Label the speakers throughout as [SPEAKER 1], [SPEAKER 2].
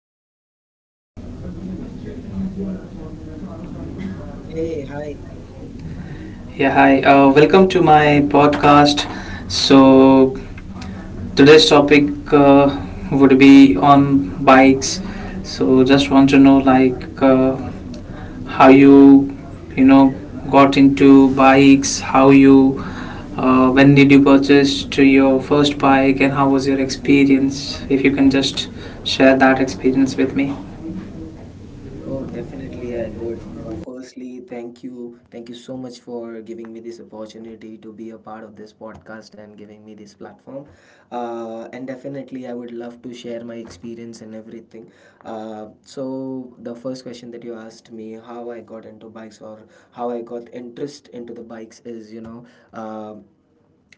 [SPEAKER 1] Aziz.
[SPEAKER 2] Hey, hi.
[SPEAKER 1] Yeah, hi. Welcome to my podcast. So today's topic would be on bikes. So just want to know like how you you know got into bikes, how you when did you purchase to your first bike, and how was your experience? If you can just share that experience with me.
[SPEAKER 2] Oh, definitely I would. Firstly, thank you. Thank you so much for giving me this opportunity to be a part of this podcast and giving me this platform. And definitely, I would love to share my experience and everything. So, the first question that you asked me, how I got into bikes or how I got interest into the bikes, is, um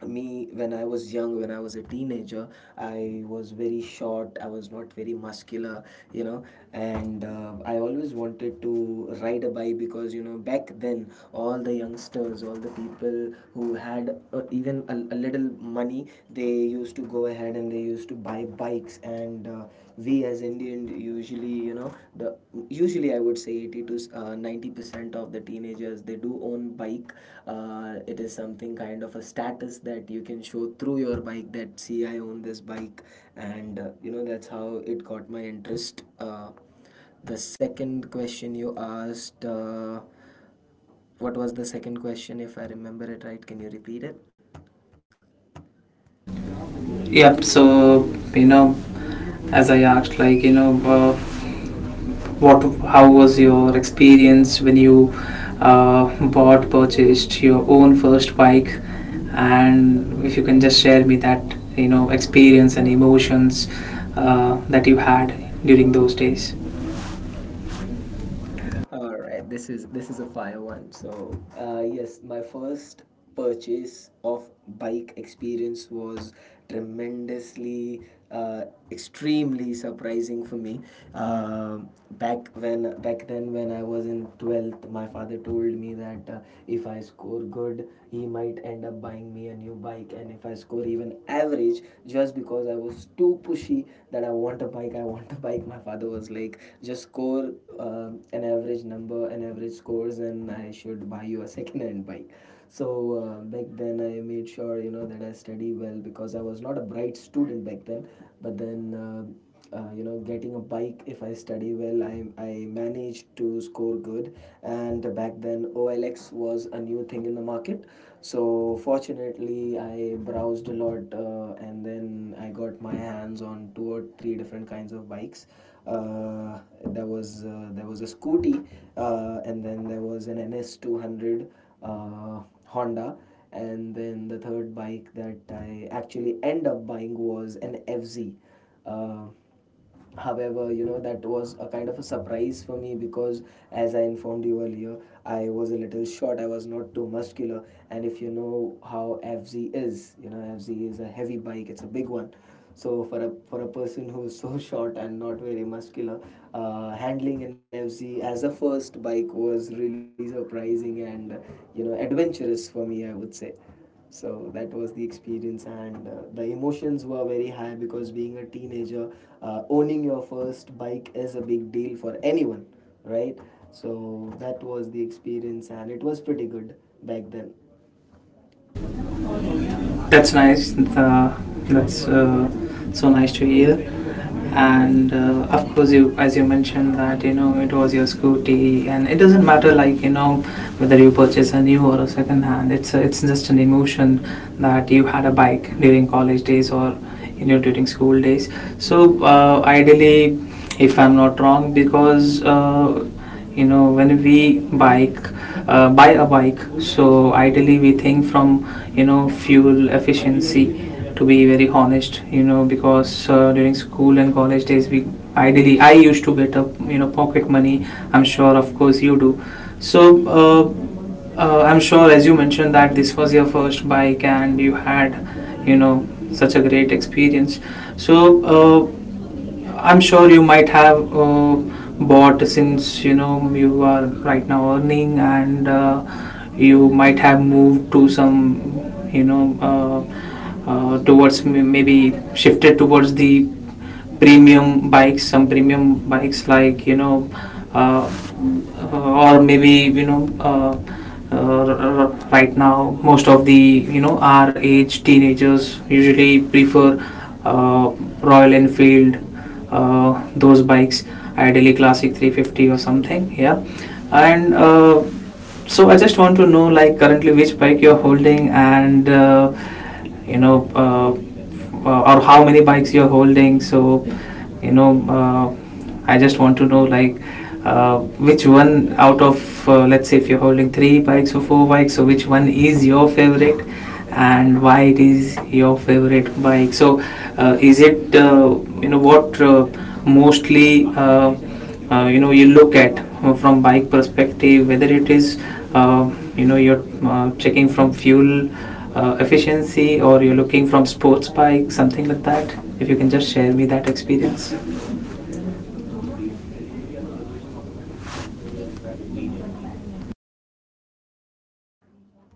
[SPEAKER 2] me, when I was young, when I was a teenager, I was very short, I was not very muscular, you know and I always wanted to ride a bike, because, back then, all the youngsters, all the people who had even a little money, they used to go ahead and they used to buy bikes. And we, as Indian, usually, you know, the usually I would say 80 to 90% of the teenagers, they do own bike. It is something kind of a status that you can show through your bike, that see, I own this bike. And that's how it got my interest. The second question you asked. What was the second question, if I remember it right? Can you repeat it?
[SPEAKER 1] Yep. So you know as I asked, like you know, what how was your experience when you bought purchased your own first bike and if you can just share me that you know experience and emotions that you had during those days.
[SPEAKER 2] All right, this is a fire one. So, yes, my first purchase of bike experience was tremendously, uh, extremely surprising for me. Um back then, when I was in 12th, my father told me that if I score good, he might end up buying me a new bike, and if I score even average, just because I was too pushy that I want a bike, I want a bike, my father was like, just score an average number, an average scores, and I should buy you a second-hand bike. So back then, I made sure, that I study well, because I was not a bright student back then. But then. Getting a bike, if I study well, I managed to score good. And back then, OLX was a new thing in the market. So fortunately, I browsed a lot, and then I got my hands on two or three different kinds of bikes. Uh, there was uh, there was a Scooty, and then there was an NS 200 Honda. And then the third bike that I actually end up buying was an FZ. Uh, However, that was a kind of a surprise for me, because, as I informed you earlier, I was a little short, I was not too muscular. And if you know how FZ is, FZ is a heavy bike, it's a big one. So for a person who's so short and not very muscular, handling an FZ as a first bike was really surprising and, adventurous for me, I would say. So that was the experience, and the emotions were very high, because, being a teenager, owning your first bike is a big deal for anyone, right? So that was the experience, and it was pretty good back then.
[SPEAKER 1] That's nice. The, that's so nice to hear. And of course, you as you mentioned that you know it was your scooty, and it doesn't matter like you know whether you purchase a new or a second hand. It's a, it's just an emotion that you had a bike during college days or you know during school days. So ideally, if I'm not wrong, because you know when we bike buy a bike so ideally we think from you know fuel efficiency to be very honest you know because during school and college days we ideally I used to get up you know pocket money. I'm sure of course you do. So uh, I'm sure as you mentioned that this was your first bike and you had you know such a great experience. So uh, I'm sure you might have bought since you know you are right now earning and you might have moved to some you know towards maybe shifted towards the premium bikes, some premium bikes like you know uh, or maybe you know right now most of the you know our age teenagers usually prefer uh, Royal Enfield, those bikes, ideally classic 350 or something, yeah. And so I just want to know like currently which bike you're holding and you know or how many bikes you're holding. So you know I just want to know like uh, which one out of let's say if you're holding three bikes or four bikes, so which one is your favorite and why it is your favorite bike? So is it you know what mostly you know you look at from bike perspective, whether it is uh, you know you're checking from fuel efficiency or you're looking from sports bike, something like that. If you can just share me that experience.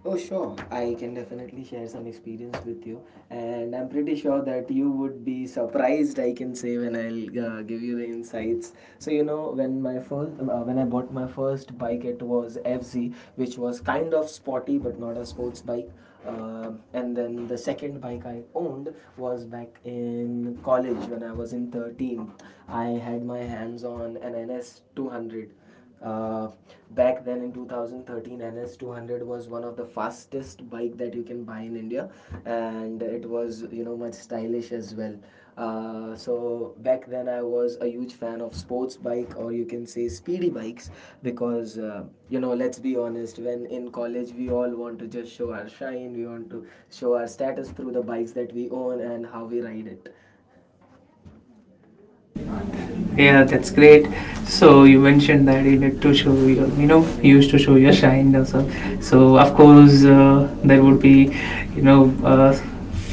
[SPEAKER 2] Oh, sure. I can definitely share some experience with you. And I'm pretty sure that you would be surprised, I can say, when I'll give you the insights. So, when I bought my first bike, it was FZ, which was kind of sporty, but not a sports bike. And then the second bike I owned was back in college, when I was in 13th. I had my hands on an NS 200. uh, Back then, in 2013, NS200 was one of the fastest bike that you can buy in India. And it was, much stylish as well. So back then, I was a huge fan of sports bike, or you can say speedy bikes, because, let's be honest, when in college, we all want to just show our shine, we want to show our status through the bikes that we own and how we ride it.
[SPEAKER 1] Yeah, that's great. So you mentioned that you need to show your, you know, you used to show your shine also. So of course there would be, you know,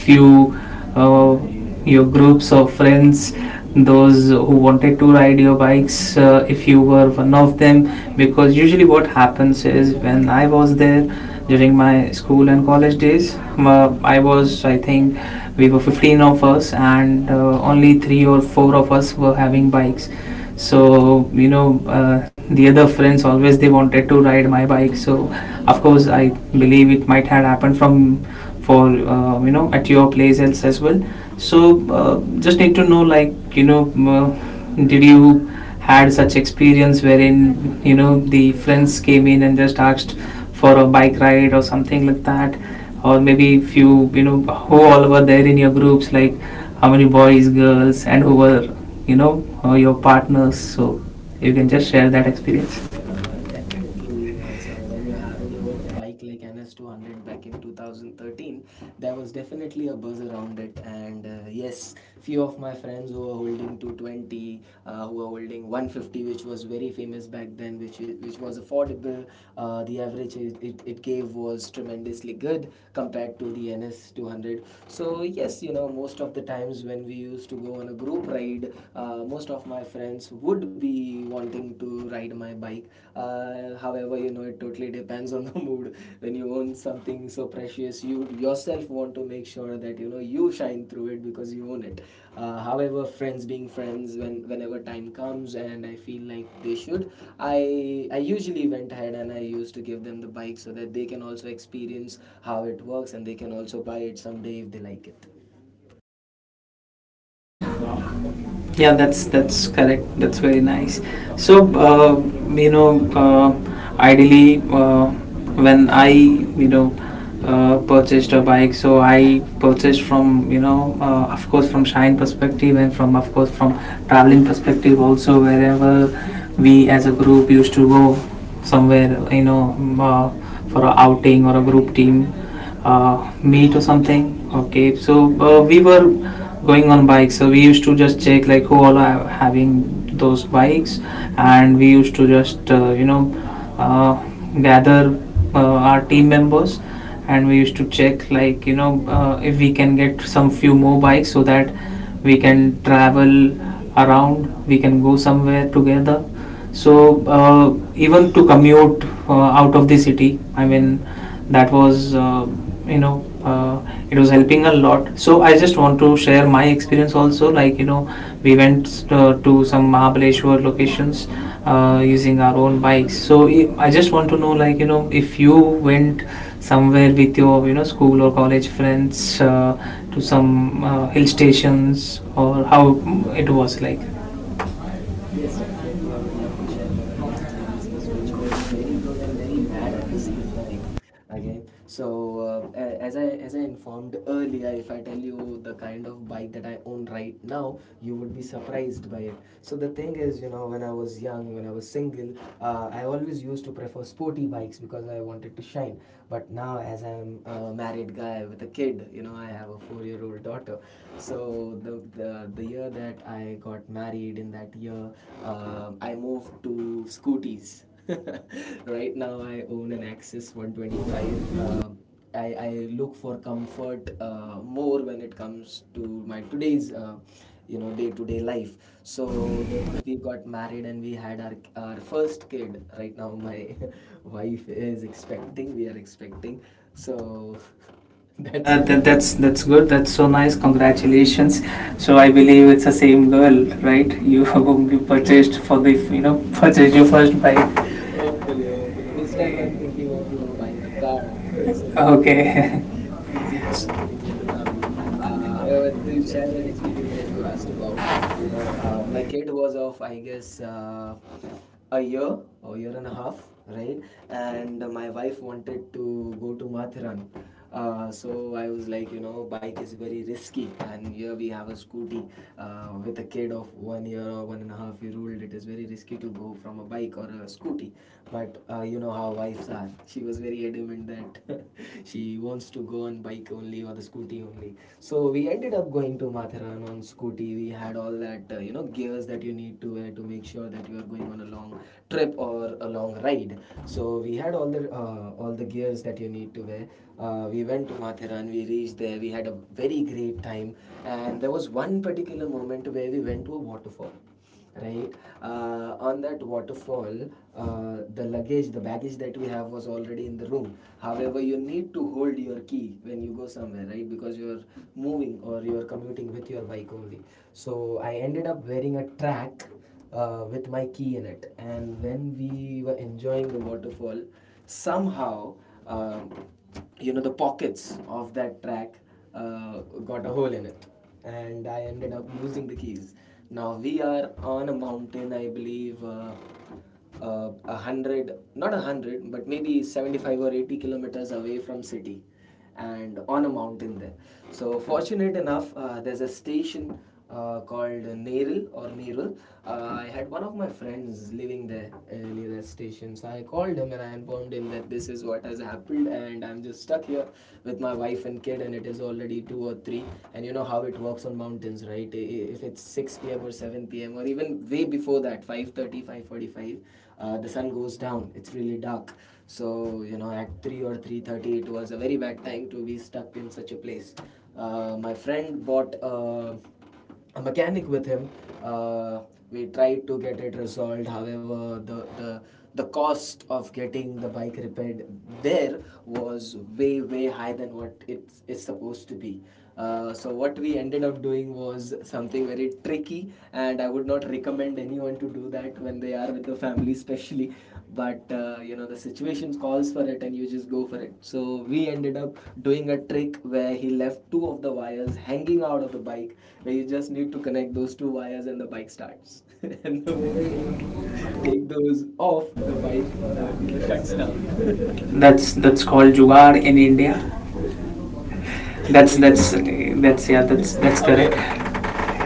[SPEAKER 1] few uh, your groups of friends, those who wanted to ride your bikes. If you were one of them, because usually what happens is when I was there during my school and college days, I was I think we were 15 of us, and only three or four of us were having bikes. So you know the other friends always they wanted to ride my bike. So of course I believe it might have happened from for you know at your place else as well. So just need to know like you know did you had such experience wherein you know the friends came in and just asked for a bike ride or something like that, or maybe if you you know who all were there in your groups, like how many boys, girls, and who were you know your partners. So you can just share that experience.
[SPEAKER 2] Definitely. So when you hold a bike like NS200 back in 2013, there was definitely a buzz around it. And yes, few of my friends who were holding 220, who were holding 150, which was very famous back then, which was affordable. The average it gave was tremendously good compared to the NS200. So yes, most of the times, when we used to go on a group ride, most of my friends would be wanting to ride my bike. However, it totally depends on the mood. When you own something so precious, you yourself want to make sure that you know you shine through it because you own it. However, friends being friends, whenever time comes and I feel like they should, I I usually went ahead and I used to give them the bike, so that they can also experience how it works, and they can also buy it someday if they like it.
[SPEAKER 1] Yeah, that's correct. That's very nice. So you know, ideally, when I you know purchased a bike, so I purchased from you know, of course, from shine perspective and from of course from traveling perspective also. Wherever we as a group used to go somewhere, you know, for a outing or a group team meet or something. Okay, so we were going on bikes, so we used to just check like who all are having those bikes, and we used to just you know uh, gather uh, our team members, and we used to check like you know if we can get some few more bikes so that we can travel around, we can go somewhere together. So even to commute out of the city, I mean, that was you know it was helping a lot. So I just want to share my experience also, like you know we went to some Mahabaleshwar locations using our own bikes. So I just want to know like you know if you went somewhere with your you know school or college friends uh, to some hill stations or how it was like.
[SPEAKER 2] Yes, definitely. I would love to share one of the experiences, which was very good and very bad at the same time. Again, so as I informed earlier, if I tell you the kind of bike that I own right now, you would be surprised by it. So the thing is, you know, when I was young, when I was single, I always used to prefer sporty bikes because I wanted to shine. But now, as I'm a married guy with a kid, I have a 4-year-old daughter. So the year that I got married, in that year, I moved to scooties. Right now, I own an Axis 125. I look for comfort, more, when it comes to my today's, day-to-day life. So we got married and we had our first kid. Right now, my wife is expecting. We are expecting. So that's
[SPEAKER 1] That,
[SPEAKER 2] there.
[SPEAKER 1] that- that's good. That's so nice. Congratulations. So I
[SPEAKER 2] I guess.
[SPEAKER 1] believe it's the same girl, right? You you purchased for the you know purchased your first bike.
[SPEAKER 2] Hopefully, hopefully. This time I'm thinking of, buying a car, so that it can
[SPEAKER 1] Okay.
[SPEAKER 2] be easy for commuting with the family. However, to share that experience that you asked about, my kid was of, I guess, a year or year and a half, right? And my wife wanted to go to Mathura. So I was like, you know, bike is very risky, and here we have a scooty, with a kid of 1 year or 1.5 year old. It is very risky to go from a bike or a scooty, but you know how wives are. She was very adamant that she wants to go on bike only or the scooty only. So we ended up going to Matheran on scooty. We had all that gears that you need to wear to make sure that you are going on a long trip or a long ride. So we had all the gears that you need to wear. We went to Matheran, we reached there, we had a very great time. And there was one particular moment where we went to a waterfall, right? On that waterfall, the luggage the baggage that we have was already in the room. However, you need to hold your key when you go somewhere, right, because you're moving, or you're commuting with your bike only. So I ended up wearing a track, with my key in it. And when we were enjoying the waterfall, somehow, um the pockets of that track uh, got a hole in it, and I ended up losing the keys. Now we are on a mountain, I believe, 100, not 100, but maybe 75 or 80 kilometers away from city, and on a mountain there. So, fortunate enough, there's a station called Neril, or Neril. I had one of my friends living there, near that station. So I called him and I informed him that this is what has happened, and I'm just stuck here with my wife and kid, and it is already two or three. And you know how it works on mountains, right? If it's 6 p.m. or 7 p.m. or even way before that, 5:30, 5:45, the sun goes down. It's really dark. So, you know, at 3 or 3:30, it was a very bad time to be stuck in such a place. My friend bought a mechanic with him. Uh, we tried to get it resolved. However, the cost of getting the bike repaired there was way way high than what it's is supposed to be. So what we ended up doing was something very tricky, and I would not recommend anyone to do that when they are with the family especially, but you know, the situation calls for it and you just go for it. So we ended up doing a trick where he left two of the wires hanging out of the bike, where you just need to connect those two wires and the bike starts and the moment you take those off the bike you know shuts down.
[SPEAKER 1] That's called jugaad in India.
[SPEAKER 2] Exactly.
[SPEAKER 1] That's yeah. That's that's
[SPEAKER 2] Away.
[SPEAKER 1] correct.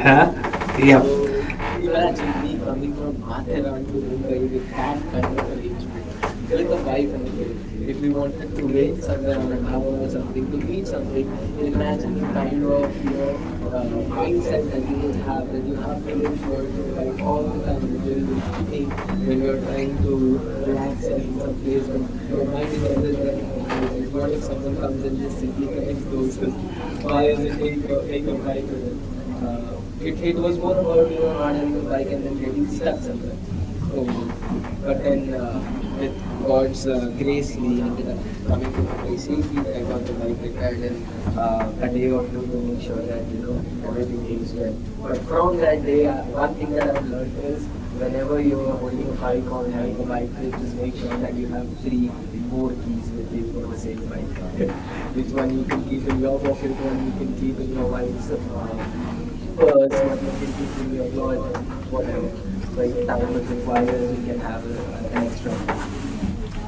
[SPEAKER 1] Huh? Yeah.
[SPEAKER 2] So imagine me coming from Matheran to Mumbai with that kind of arrangement, with a wife and a kid. If we wanted to wait somewhere on a dhaba or something to eat something, imagine the kind of, mindset that you would have, that you have to look towards your bike all the time when you're even eating, when you're trying to relax in some place, but your mind is always the like that. What if someone comes and just simply connects those wires and take your bike with them? It was more about you know not having the bike and then getting stuck somewhere. So but then with God's grace, we ended up coming to Mumbai safely. I got the bike repaired in a day or two to make sure that you know everything goes well. But from that day, one thing that I've learned is whenever you are holding a bike or having a bike trip, just make sure that you have three more keys with you for the same bike. Which one you can keep in your pocket, one you can keep in your wife's purse, one you can keep in your lodge, whatever. So if time requires, you can have a, an extra key.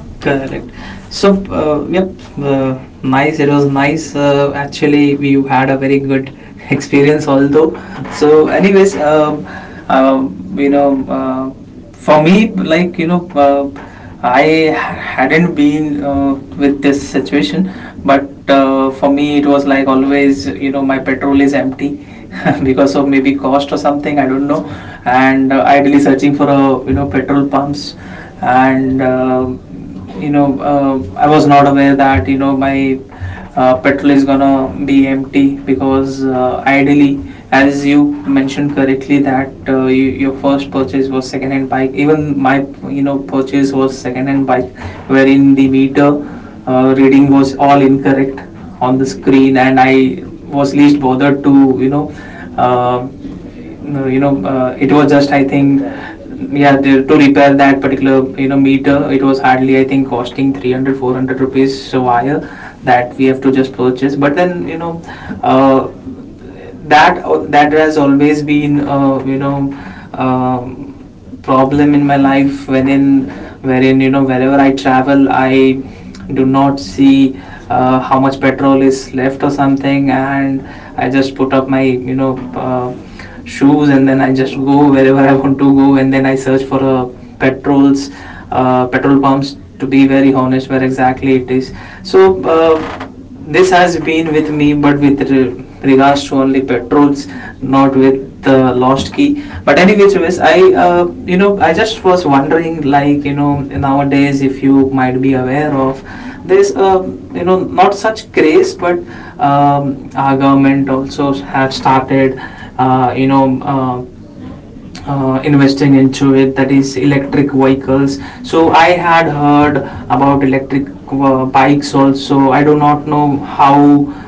[SPEAKER 1] Correct. So, yep, nice. It was nice. Actually, we had a very good experience, although. So, anyways, you know, for me, like, you know, I hadn't been with this situation, but for me, it was like always, you know, my petrol is empty. Because of maybe cost or something, I don't know. And ideally searching for a you know petrol pumps, and you know, I was not aware that you know my petrol is gonna be empty. Because ideally, as you mentioned correctly, that you, your first purchase was second-hand bike. Even my you know purchase was second-hand bike, wherein the meter reading was all incorrect on the screen, and I was least bothered to Uh, no, you know, it was just I
[SPEAKER 2] Get it
[SPEAKER 1] think,
[SPEAKER 2] repaired.
[SPEAKER 1] yeah, the, to repair that particular you know meter, it was hardly I think costing 300, 400 rupees wire that we have to just purchase. But then you know, uh, that that has always been you know um, problem in my life, wherein you know wherever I travel, I do not see how much petrol is left or something, and I just put up my you know shoes, and then I just go wherever I want to go, and then I search for a petrols petrol pumps, to be very honest, where exactly it is. So this has been with me, but with regards to only petrols, not with the lost key. But anyways, anyways, I you know I just was wondering like you know nowadays if you might be aware of, there's a you know not such craze, but our government also have started you know investing into it, that is electric vehicles. So I had heard about electric bikes also. I do not know how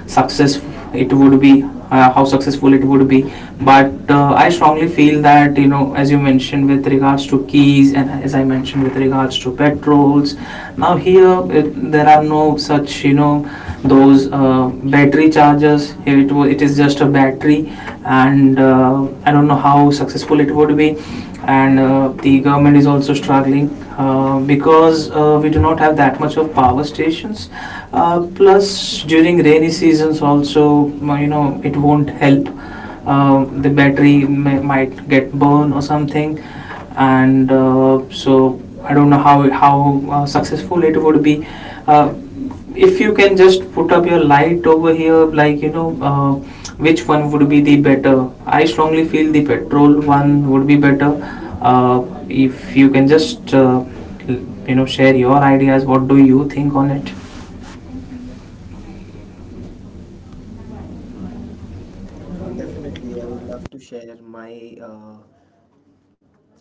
[SPEAKER 1] successful it would be, how successful it would be. But I strongly feel that you know as you mentioned with regards to keys and as I mentioned with regards to petrols, now here it, there are no such you know those battery chargers. Here it, it is just a battery, and I don't know how successful it would be. And the government is also struggling because we do not have that much of power stations. Plus, during rainy seasons, also you know it won't help. The battery may, might get burned or something, and so I don't know how successful it would be. Uh, if you can just put up your light over here, like you know, which one would be the better? I strongly feel the petrol one would be better. If you can just you know share your ideas, what do you think on it?
[SPEAKER 2] Oh, definitely. I would love to share my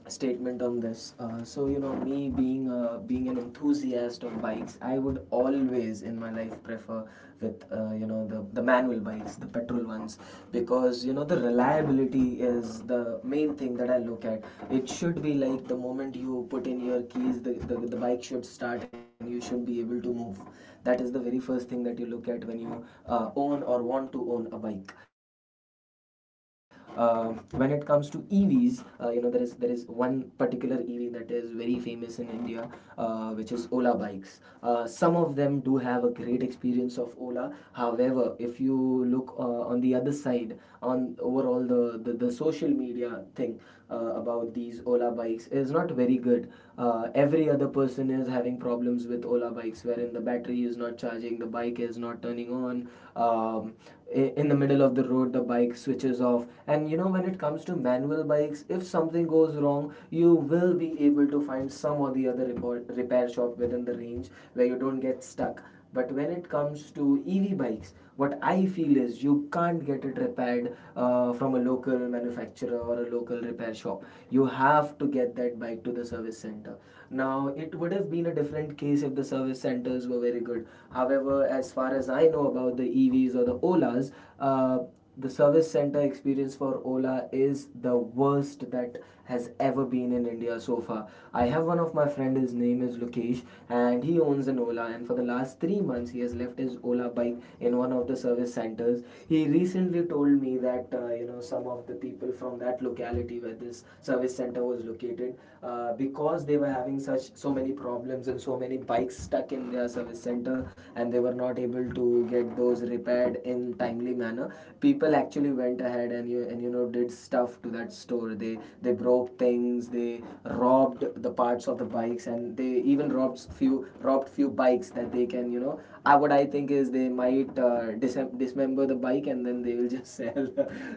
[SPEAKER 2] statement on this. So you know, me being an enthusiast of bikes, I would always in my life prefer with you know the manual bikes, the petrol ones, because you know the reliability is the main thing that I look at. It should be like the moment you put in your keys, the bike should start and you should be able to move. That is the very first thing that you look at when you own or want to own a bike. When it comes to EVs, you know there is one particular EV that is very famous in India, which is Ola bikes. Some of them do have a great experience of Ola. However, if you look on the other side, on overall the social media thing about these Ola bikes is not very good. Every other person is having problems with Ola bikes, wherein the battery is not charging, the bike is not turning on. Um, in the middle of the road the bike switches off, and you know when it comes to manual bikes, if something goes wrong you will be able to find some or the other repair shop within the range where you don't get stuck. But when it comes to EV bikes, what I feel is you can't get it repaired from a local manufacturer or a local repair shop. You have to get that bike to the service center. Now it would have been a different case if the service centers were very good. However, as far as I know about the EVs or the Olas, uh, the service center experience for Ola is the worst that has ever been in India so far. I have one of my friend, his name is Lokesh, and he owns an Ola. And for the last 3 months, he has left his Ola bike in one of the service centers. He recently told me that you know some of the people from that locality city where this service center was located, because they were having such so many problems and so many bikes stuck in their service center and they were not able to get those repaired in timely manner, people actually went ahead and you know did stuff to that store. They broke things, they robbed the parts of the bikes, and they even robbed few bikes that they can you know. I what I think is they might dismember the bike and then they will just sell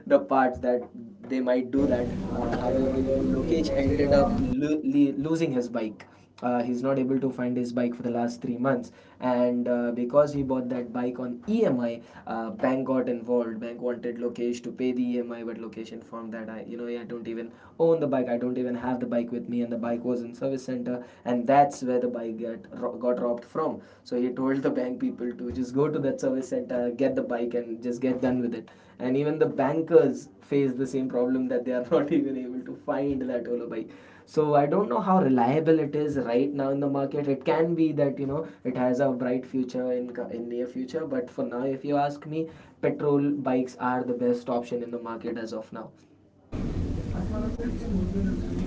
[SPEAKER 2] the parts that they might do that. However, you know, Lokesh ended up losing his bike. He's not able to find his bike for the last 3 months, and because he bought that bike on EMI, bank got involved. Bank wanted Lokesh to pay the EMI, but Lokesh informed that I, you know, yeah, I don't even own the bike. I don't even have the bike with me, and the bike was in service center, and that's where the bike got robbed from. So he told the bank people to just go to that service center, get the bike and just get done with it. And even the bankers face the same problem, that they are not even able to find that Ola bike. So I don't know how reliable it is right now in the market. It can be that you know it has a bright future in near future, but for now if you ask me, petrol bikes are the best option in the market as of now.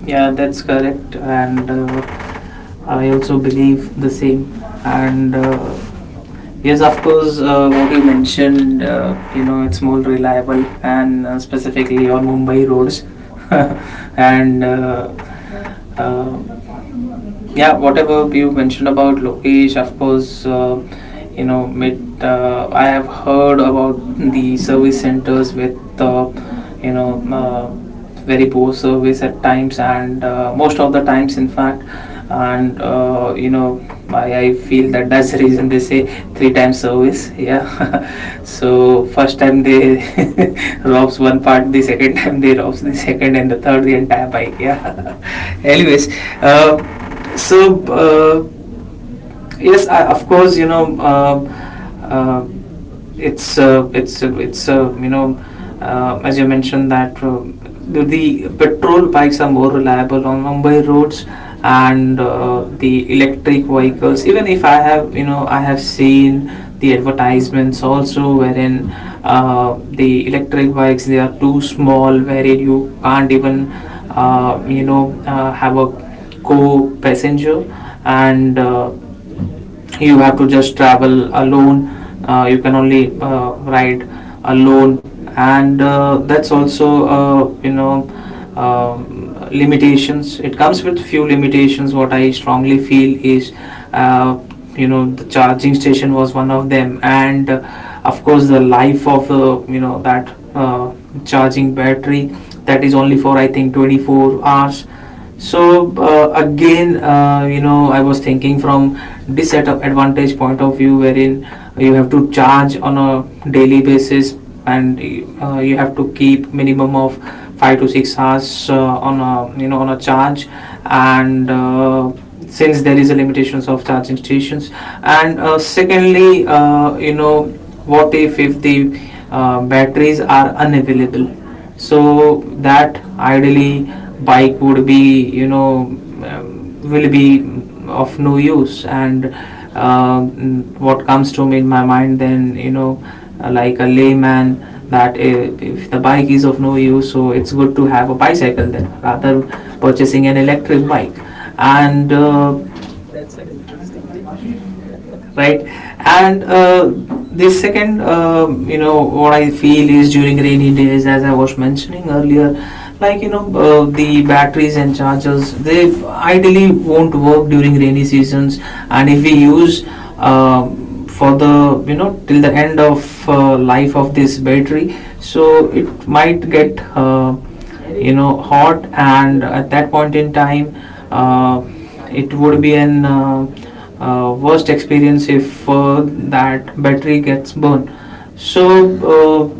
[SPEAKER 1] Yeah, that's correct, and I also believe the same. And yes, of course, what you mentioned, you know, it's more reliable, and specifically on Mumbai roads. And uh, yeah, whatever you mentioned about Lokesh, of course, you know mid I have heard about the service centers with you know uh, very poor service at times, and most of the times in fact. And I feel that that's the reason they say three times service. Yeah. So first time they robs one part, the second time they robs the second, and the third the entire bike. Yeah. Anyways uh, so, uh, yes, I, of course, uh, it's you know as you mentioned that, the petrol bikes are more reliable on Mumbai roads. And the electric vehicles, even if I have seen the advertisements also, wherein the electric bikes, they are too small, wherein you can't even have a co-passenger. And you have to just travel alone. You can only ride alone. And that's also you know limitations it comes with few limitations. What I strongly feel is, uh, the charging station was one of them. And of course, the life of that uh, charging battery, that is only for, I think, 24 hours. So again you know I was thinking from this setup advantage point of view, wherein you have to charge on a daily basis, and you have to keep minimum of 5 to 6 hours on a on a charge. And since there is a limitations of charging stations, and secondly, what if the batteries are unavailable, so that ideally bike would be, will be of no use. And uh, what comes to me in my mind then, like a layman, that if, the bike is of no use, so it's good to have a bicycle then, rather purchasing an electric bike. And
[SPEAKER 2] That's an interesting take.
[SPEAKER 1] right. And the second, what I feel is, during rainy days, as I was mentioning earlier, like, the batteries and chargers, they ideally won't work during rainy seasons. And if we use, um for the, till the end of life of this battery, so it might get hot, and at that point in time, uh, it would be an worst experience if that battery gets burned. So uh,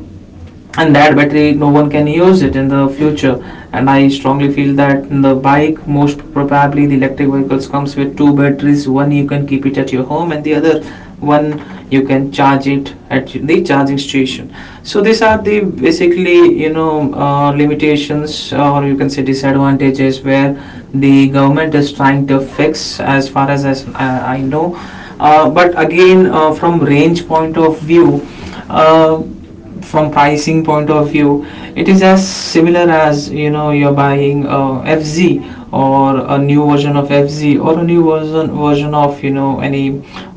[SPEAKER 1] and that battery no one can use it in the future. And I strongly feel that in the bike, most probably the electric vehicles comes with two batteries: one you can keep it at your home, and the other one you can charge it at the charging station. So these are the basically, limitations, or you can say disadvantages, where the government is trying to fix, as far as, I know. But again, from range point of view, uh, from pricing point of view, it is as similar as, you're buying FZ, or a new version of FZ, or a new version of any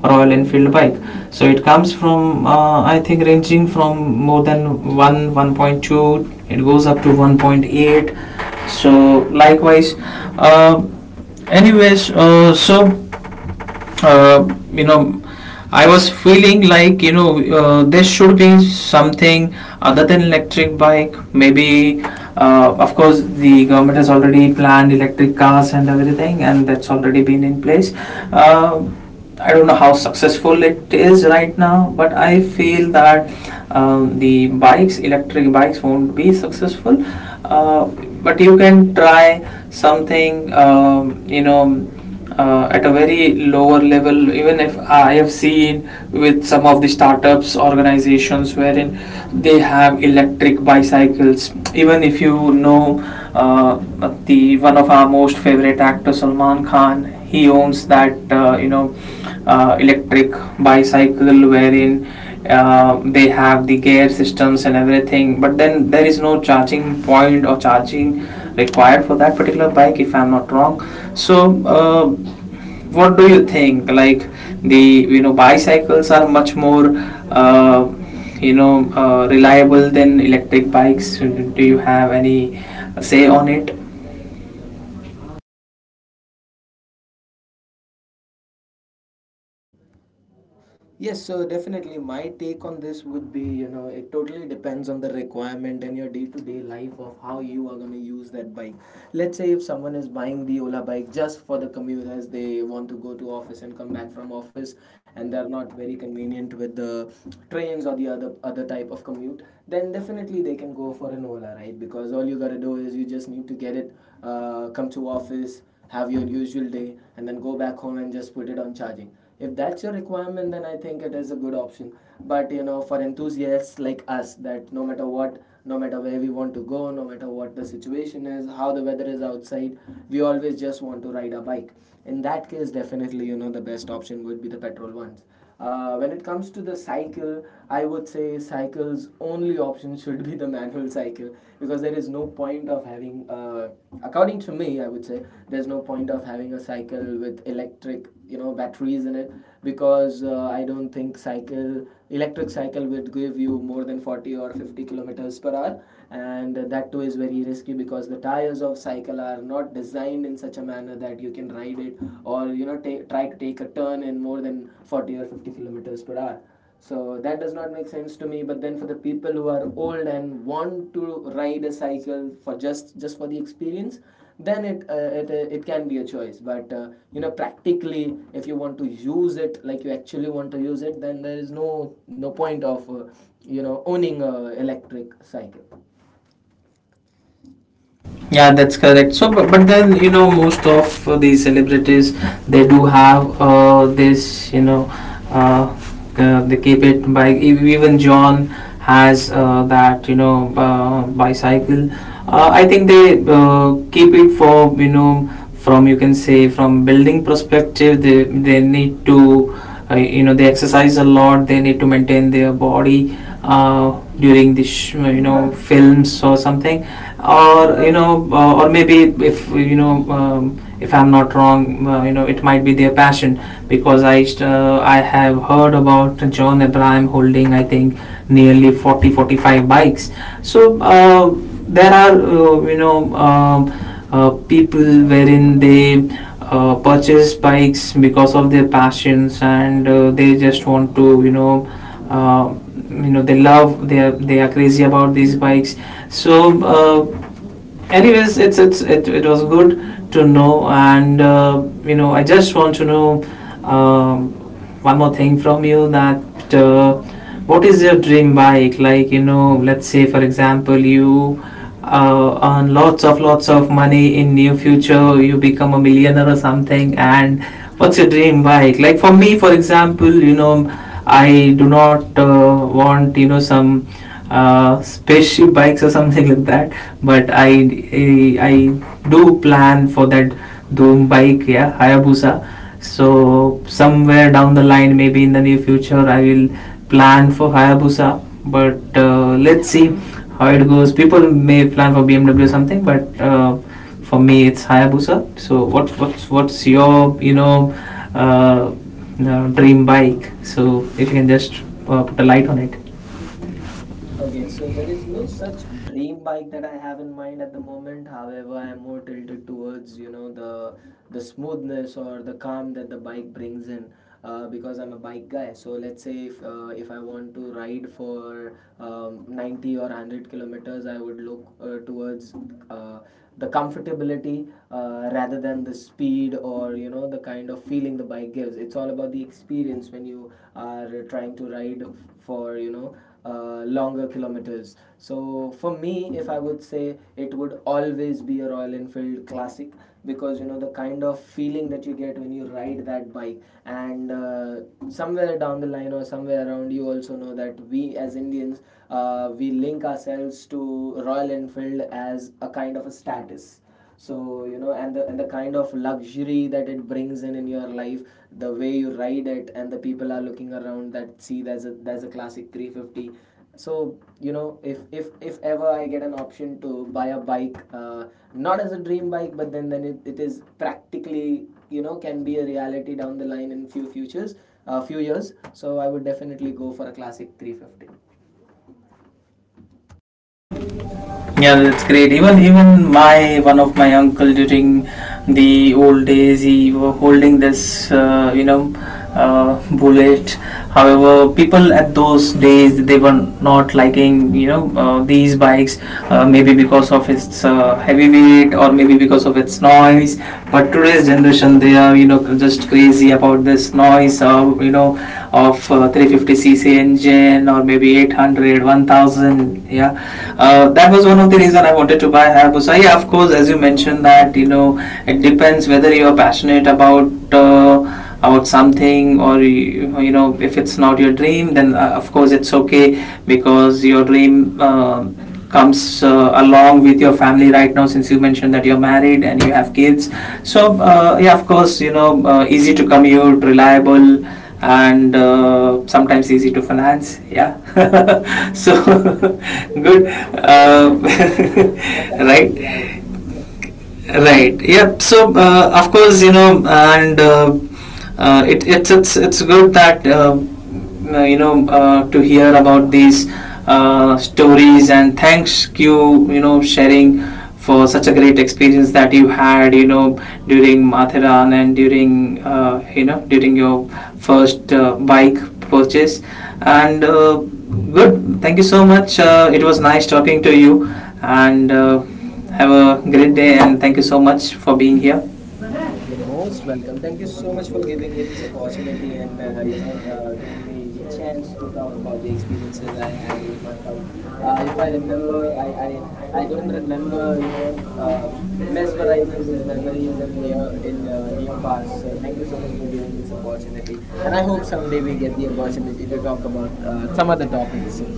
[SPEAKER 1] Royal Enfield bike. So it comes from, I think, ranging from more than 1, 1.2, it goes up to 1.8, so likewise. Uh, anyways uh, so uh, you know I was feeling like, there should be something other than electric bike, maybe. Of course, the government has already planned electric cars and everything, and that's already been in place. uh, I don't know how successful it is right now, but I feel that, the bikes, electric bikes, won't be successful. Uh, but you can try something, at a very lower level. Even if I have seen with some of the startups organizations, wherein they have electric bicycles. Even if you know, uh, the one of our most favorite actor, Salman Khan, he owns that, electric bicycle, wherein they have the gear systems and everything, but then there is no charging point or charging required for that particular bike, if I'm not wrong. So uh, what do you think, like, the, bicycles are much more uh, reliable than electric bikes? Do you have any say on it?
[SPEAKER 2] Yes, so definitely my take on this would be, you know, it totally depends on the requirement and your day-to-day life of how you are going to use that bike. Let's say if someone is buying the Ola bike just for the commute, as they want to go to office and come back from office and they are not very convenient with the trains or the other type of commute, then definitely they can go for an Ola, right? Because all you got to do is you just need to get it, come to office, have your usual day and then go back home and just put it on charging. If that's your requirement, then I think it is a good option. But you know for enthusiasts like us, that no matter what, no matter where we want to go, no matter what the situation is, how the weather is outside, we always just want to ride a bike. In that case definitely you know the best option would be the petrol ones. Uh, when it comes to the cycle, I would say cycle's only option should be the manual cycle, because there is no point of having, according to me, I would say there's no point of having a cycle with electric, you know, batteries in it, because I don't think cycle electric cycle would give you more than 40 or 50 kilometers per hour, and that too is very risky because the tires of cycle are not designed in such a manner that you can ride it or you know try to take a turn in more than 40 or 50 kilometers per hour. So that does not make sense to me. But then for the people who are old and want to ride a cycle for just for the experience, then it can be a choice. But you know practically, if you want to use it like you actually want to use it, then there is no point of you know owning a electric cycle.
[SPEAKER 1] Yeah, that's correct. So, but, then you know, most of these celebrities, they do have this, uh, they keep it by even John has that, bicycle. I think they keep it for, from you can say from building perspective, they need to, they exercise a lot, they need to maintain their body during the films or something, or or maybe, if you know, if I'm not wrong, it might be their passion, because I have heard about John Abraham holding, I think, nearly 40, 45 bikes. So there are, people wherein they purchase bikes because of their passions, and they just want to, uh, they love, they are crazy about these bikes. So uh, anyways, it was good to know. And I just want to know, um, one more thing from you, that what is your dream bike, like, let's say, for example, you earn lots of money in near future, you become a millionaire or something, and what's your dream bike? Like, for me, for example, I do not want, some spaceship bikes or something like that. But I do plan for that doom bike. Yeah, Hayabusa. So somewhere down the line, maybe in the near future, I will plan for Hayabusa. But let's see how it goes. People may plan for BMW or something, but for me, it's Hayabusa. So what's your, uh, dream bike? So if you can just put a light on it.
[SPEAKER 2] Okay, so there is no such dream bike that I have in mind at the moment. However, I am more tilted towards you know the smoothness or the calm that the bike brings in, because I'm a bike guy. So let's say if I want to ride for 90 or 100 kilometers, I would look towards uh, the comfortability rather than the speed, or you know the kind of feeling the bike gives. It's all about the experience when you are trying to ride for you know longer kilometers. So for me, if I would say, it would always be a Royal Enfield Classic, because you know the kind of feeling that you get when you ride that bike. And somewhere down the line or somewhere around, you also know that we as Indians, we link ourselves to Royal Enfield as a kind of a status. So you know, and the kind of luxury that it brings in your life, the way you ride it and the people are looking around, that see there's a Classic 350. So you know, if ever I get an option to buy a bike, not as a dream bike, but then it is practically you know can be a reality down the line in few years. So I would definitely go for a Classic 350.
[SPEAKER 1] Yeah, that's great. Even my one of my uncle, during the old days, he were holding this, bullet. However, people at those days, they were not liking, these bikes, maybe because of its heavy weight, or maybe because of its noise. But today's generation, they are, just crazy about this noise of, 350cc engine, or maybe 800 1,000. Yeah, that was one of the reason I wanted to buy Hayabusa. Yeah, of course, as you mentioned that, it depends whether you are passionate about, about something, or you know if it's not your dream then, of course it's okay, because your dream comes along with your family. Right now, since you mentioned that you're married and you have kids, so yeah, of course, easy to commute, reliable, and sometimes easy to finance. Yeah. So good.
[SPEAKER 2] Definitely.
[SPEAKER 1] uh,
[SPEAKER 2] Attached to reality.
[SPEAKER 1] right. Right. Yep. So of course, and it, it's good that, to hear about these stories. And thanks you, you know sharing for such a great experience that you had, during Matharan, and during during your first bike purchase. And good. Thank you so much. It was nice talking to you. And have a great day, and thank you so much for being here.
[SPEAKER 2] You're most welcome. Thank you so much for giving me this opportunity, and you know giving me the chance to talk about the experiences I had with my bike. If I remember, I don't remember you know mesmerizing these memories in near past. So thank you so much for giving this opportunity, and I hope someday we get the opportunity to talk about some other topics. So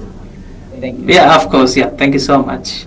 [SPEAKER 2] thank
[SPEAKER 1] Yeah, of
[SPEAKER 2] you.
[SPEAKER 1] course. Yeah, thank you so much.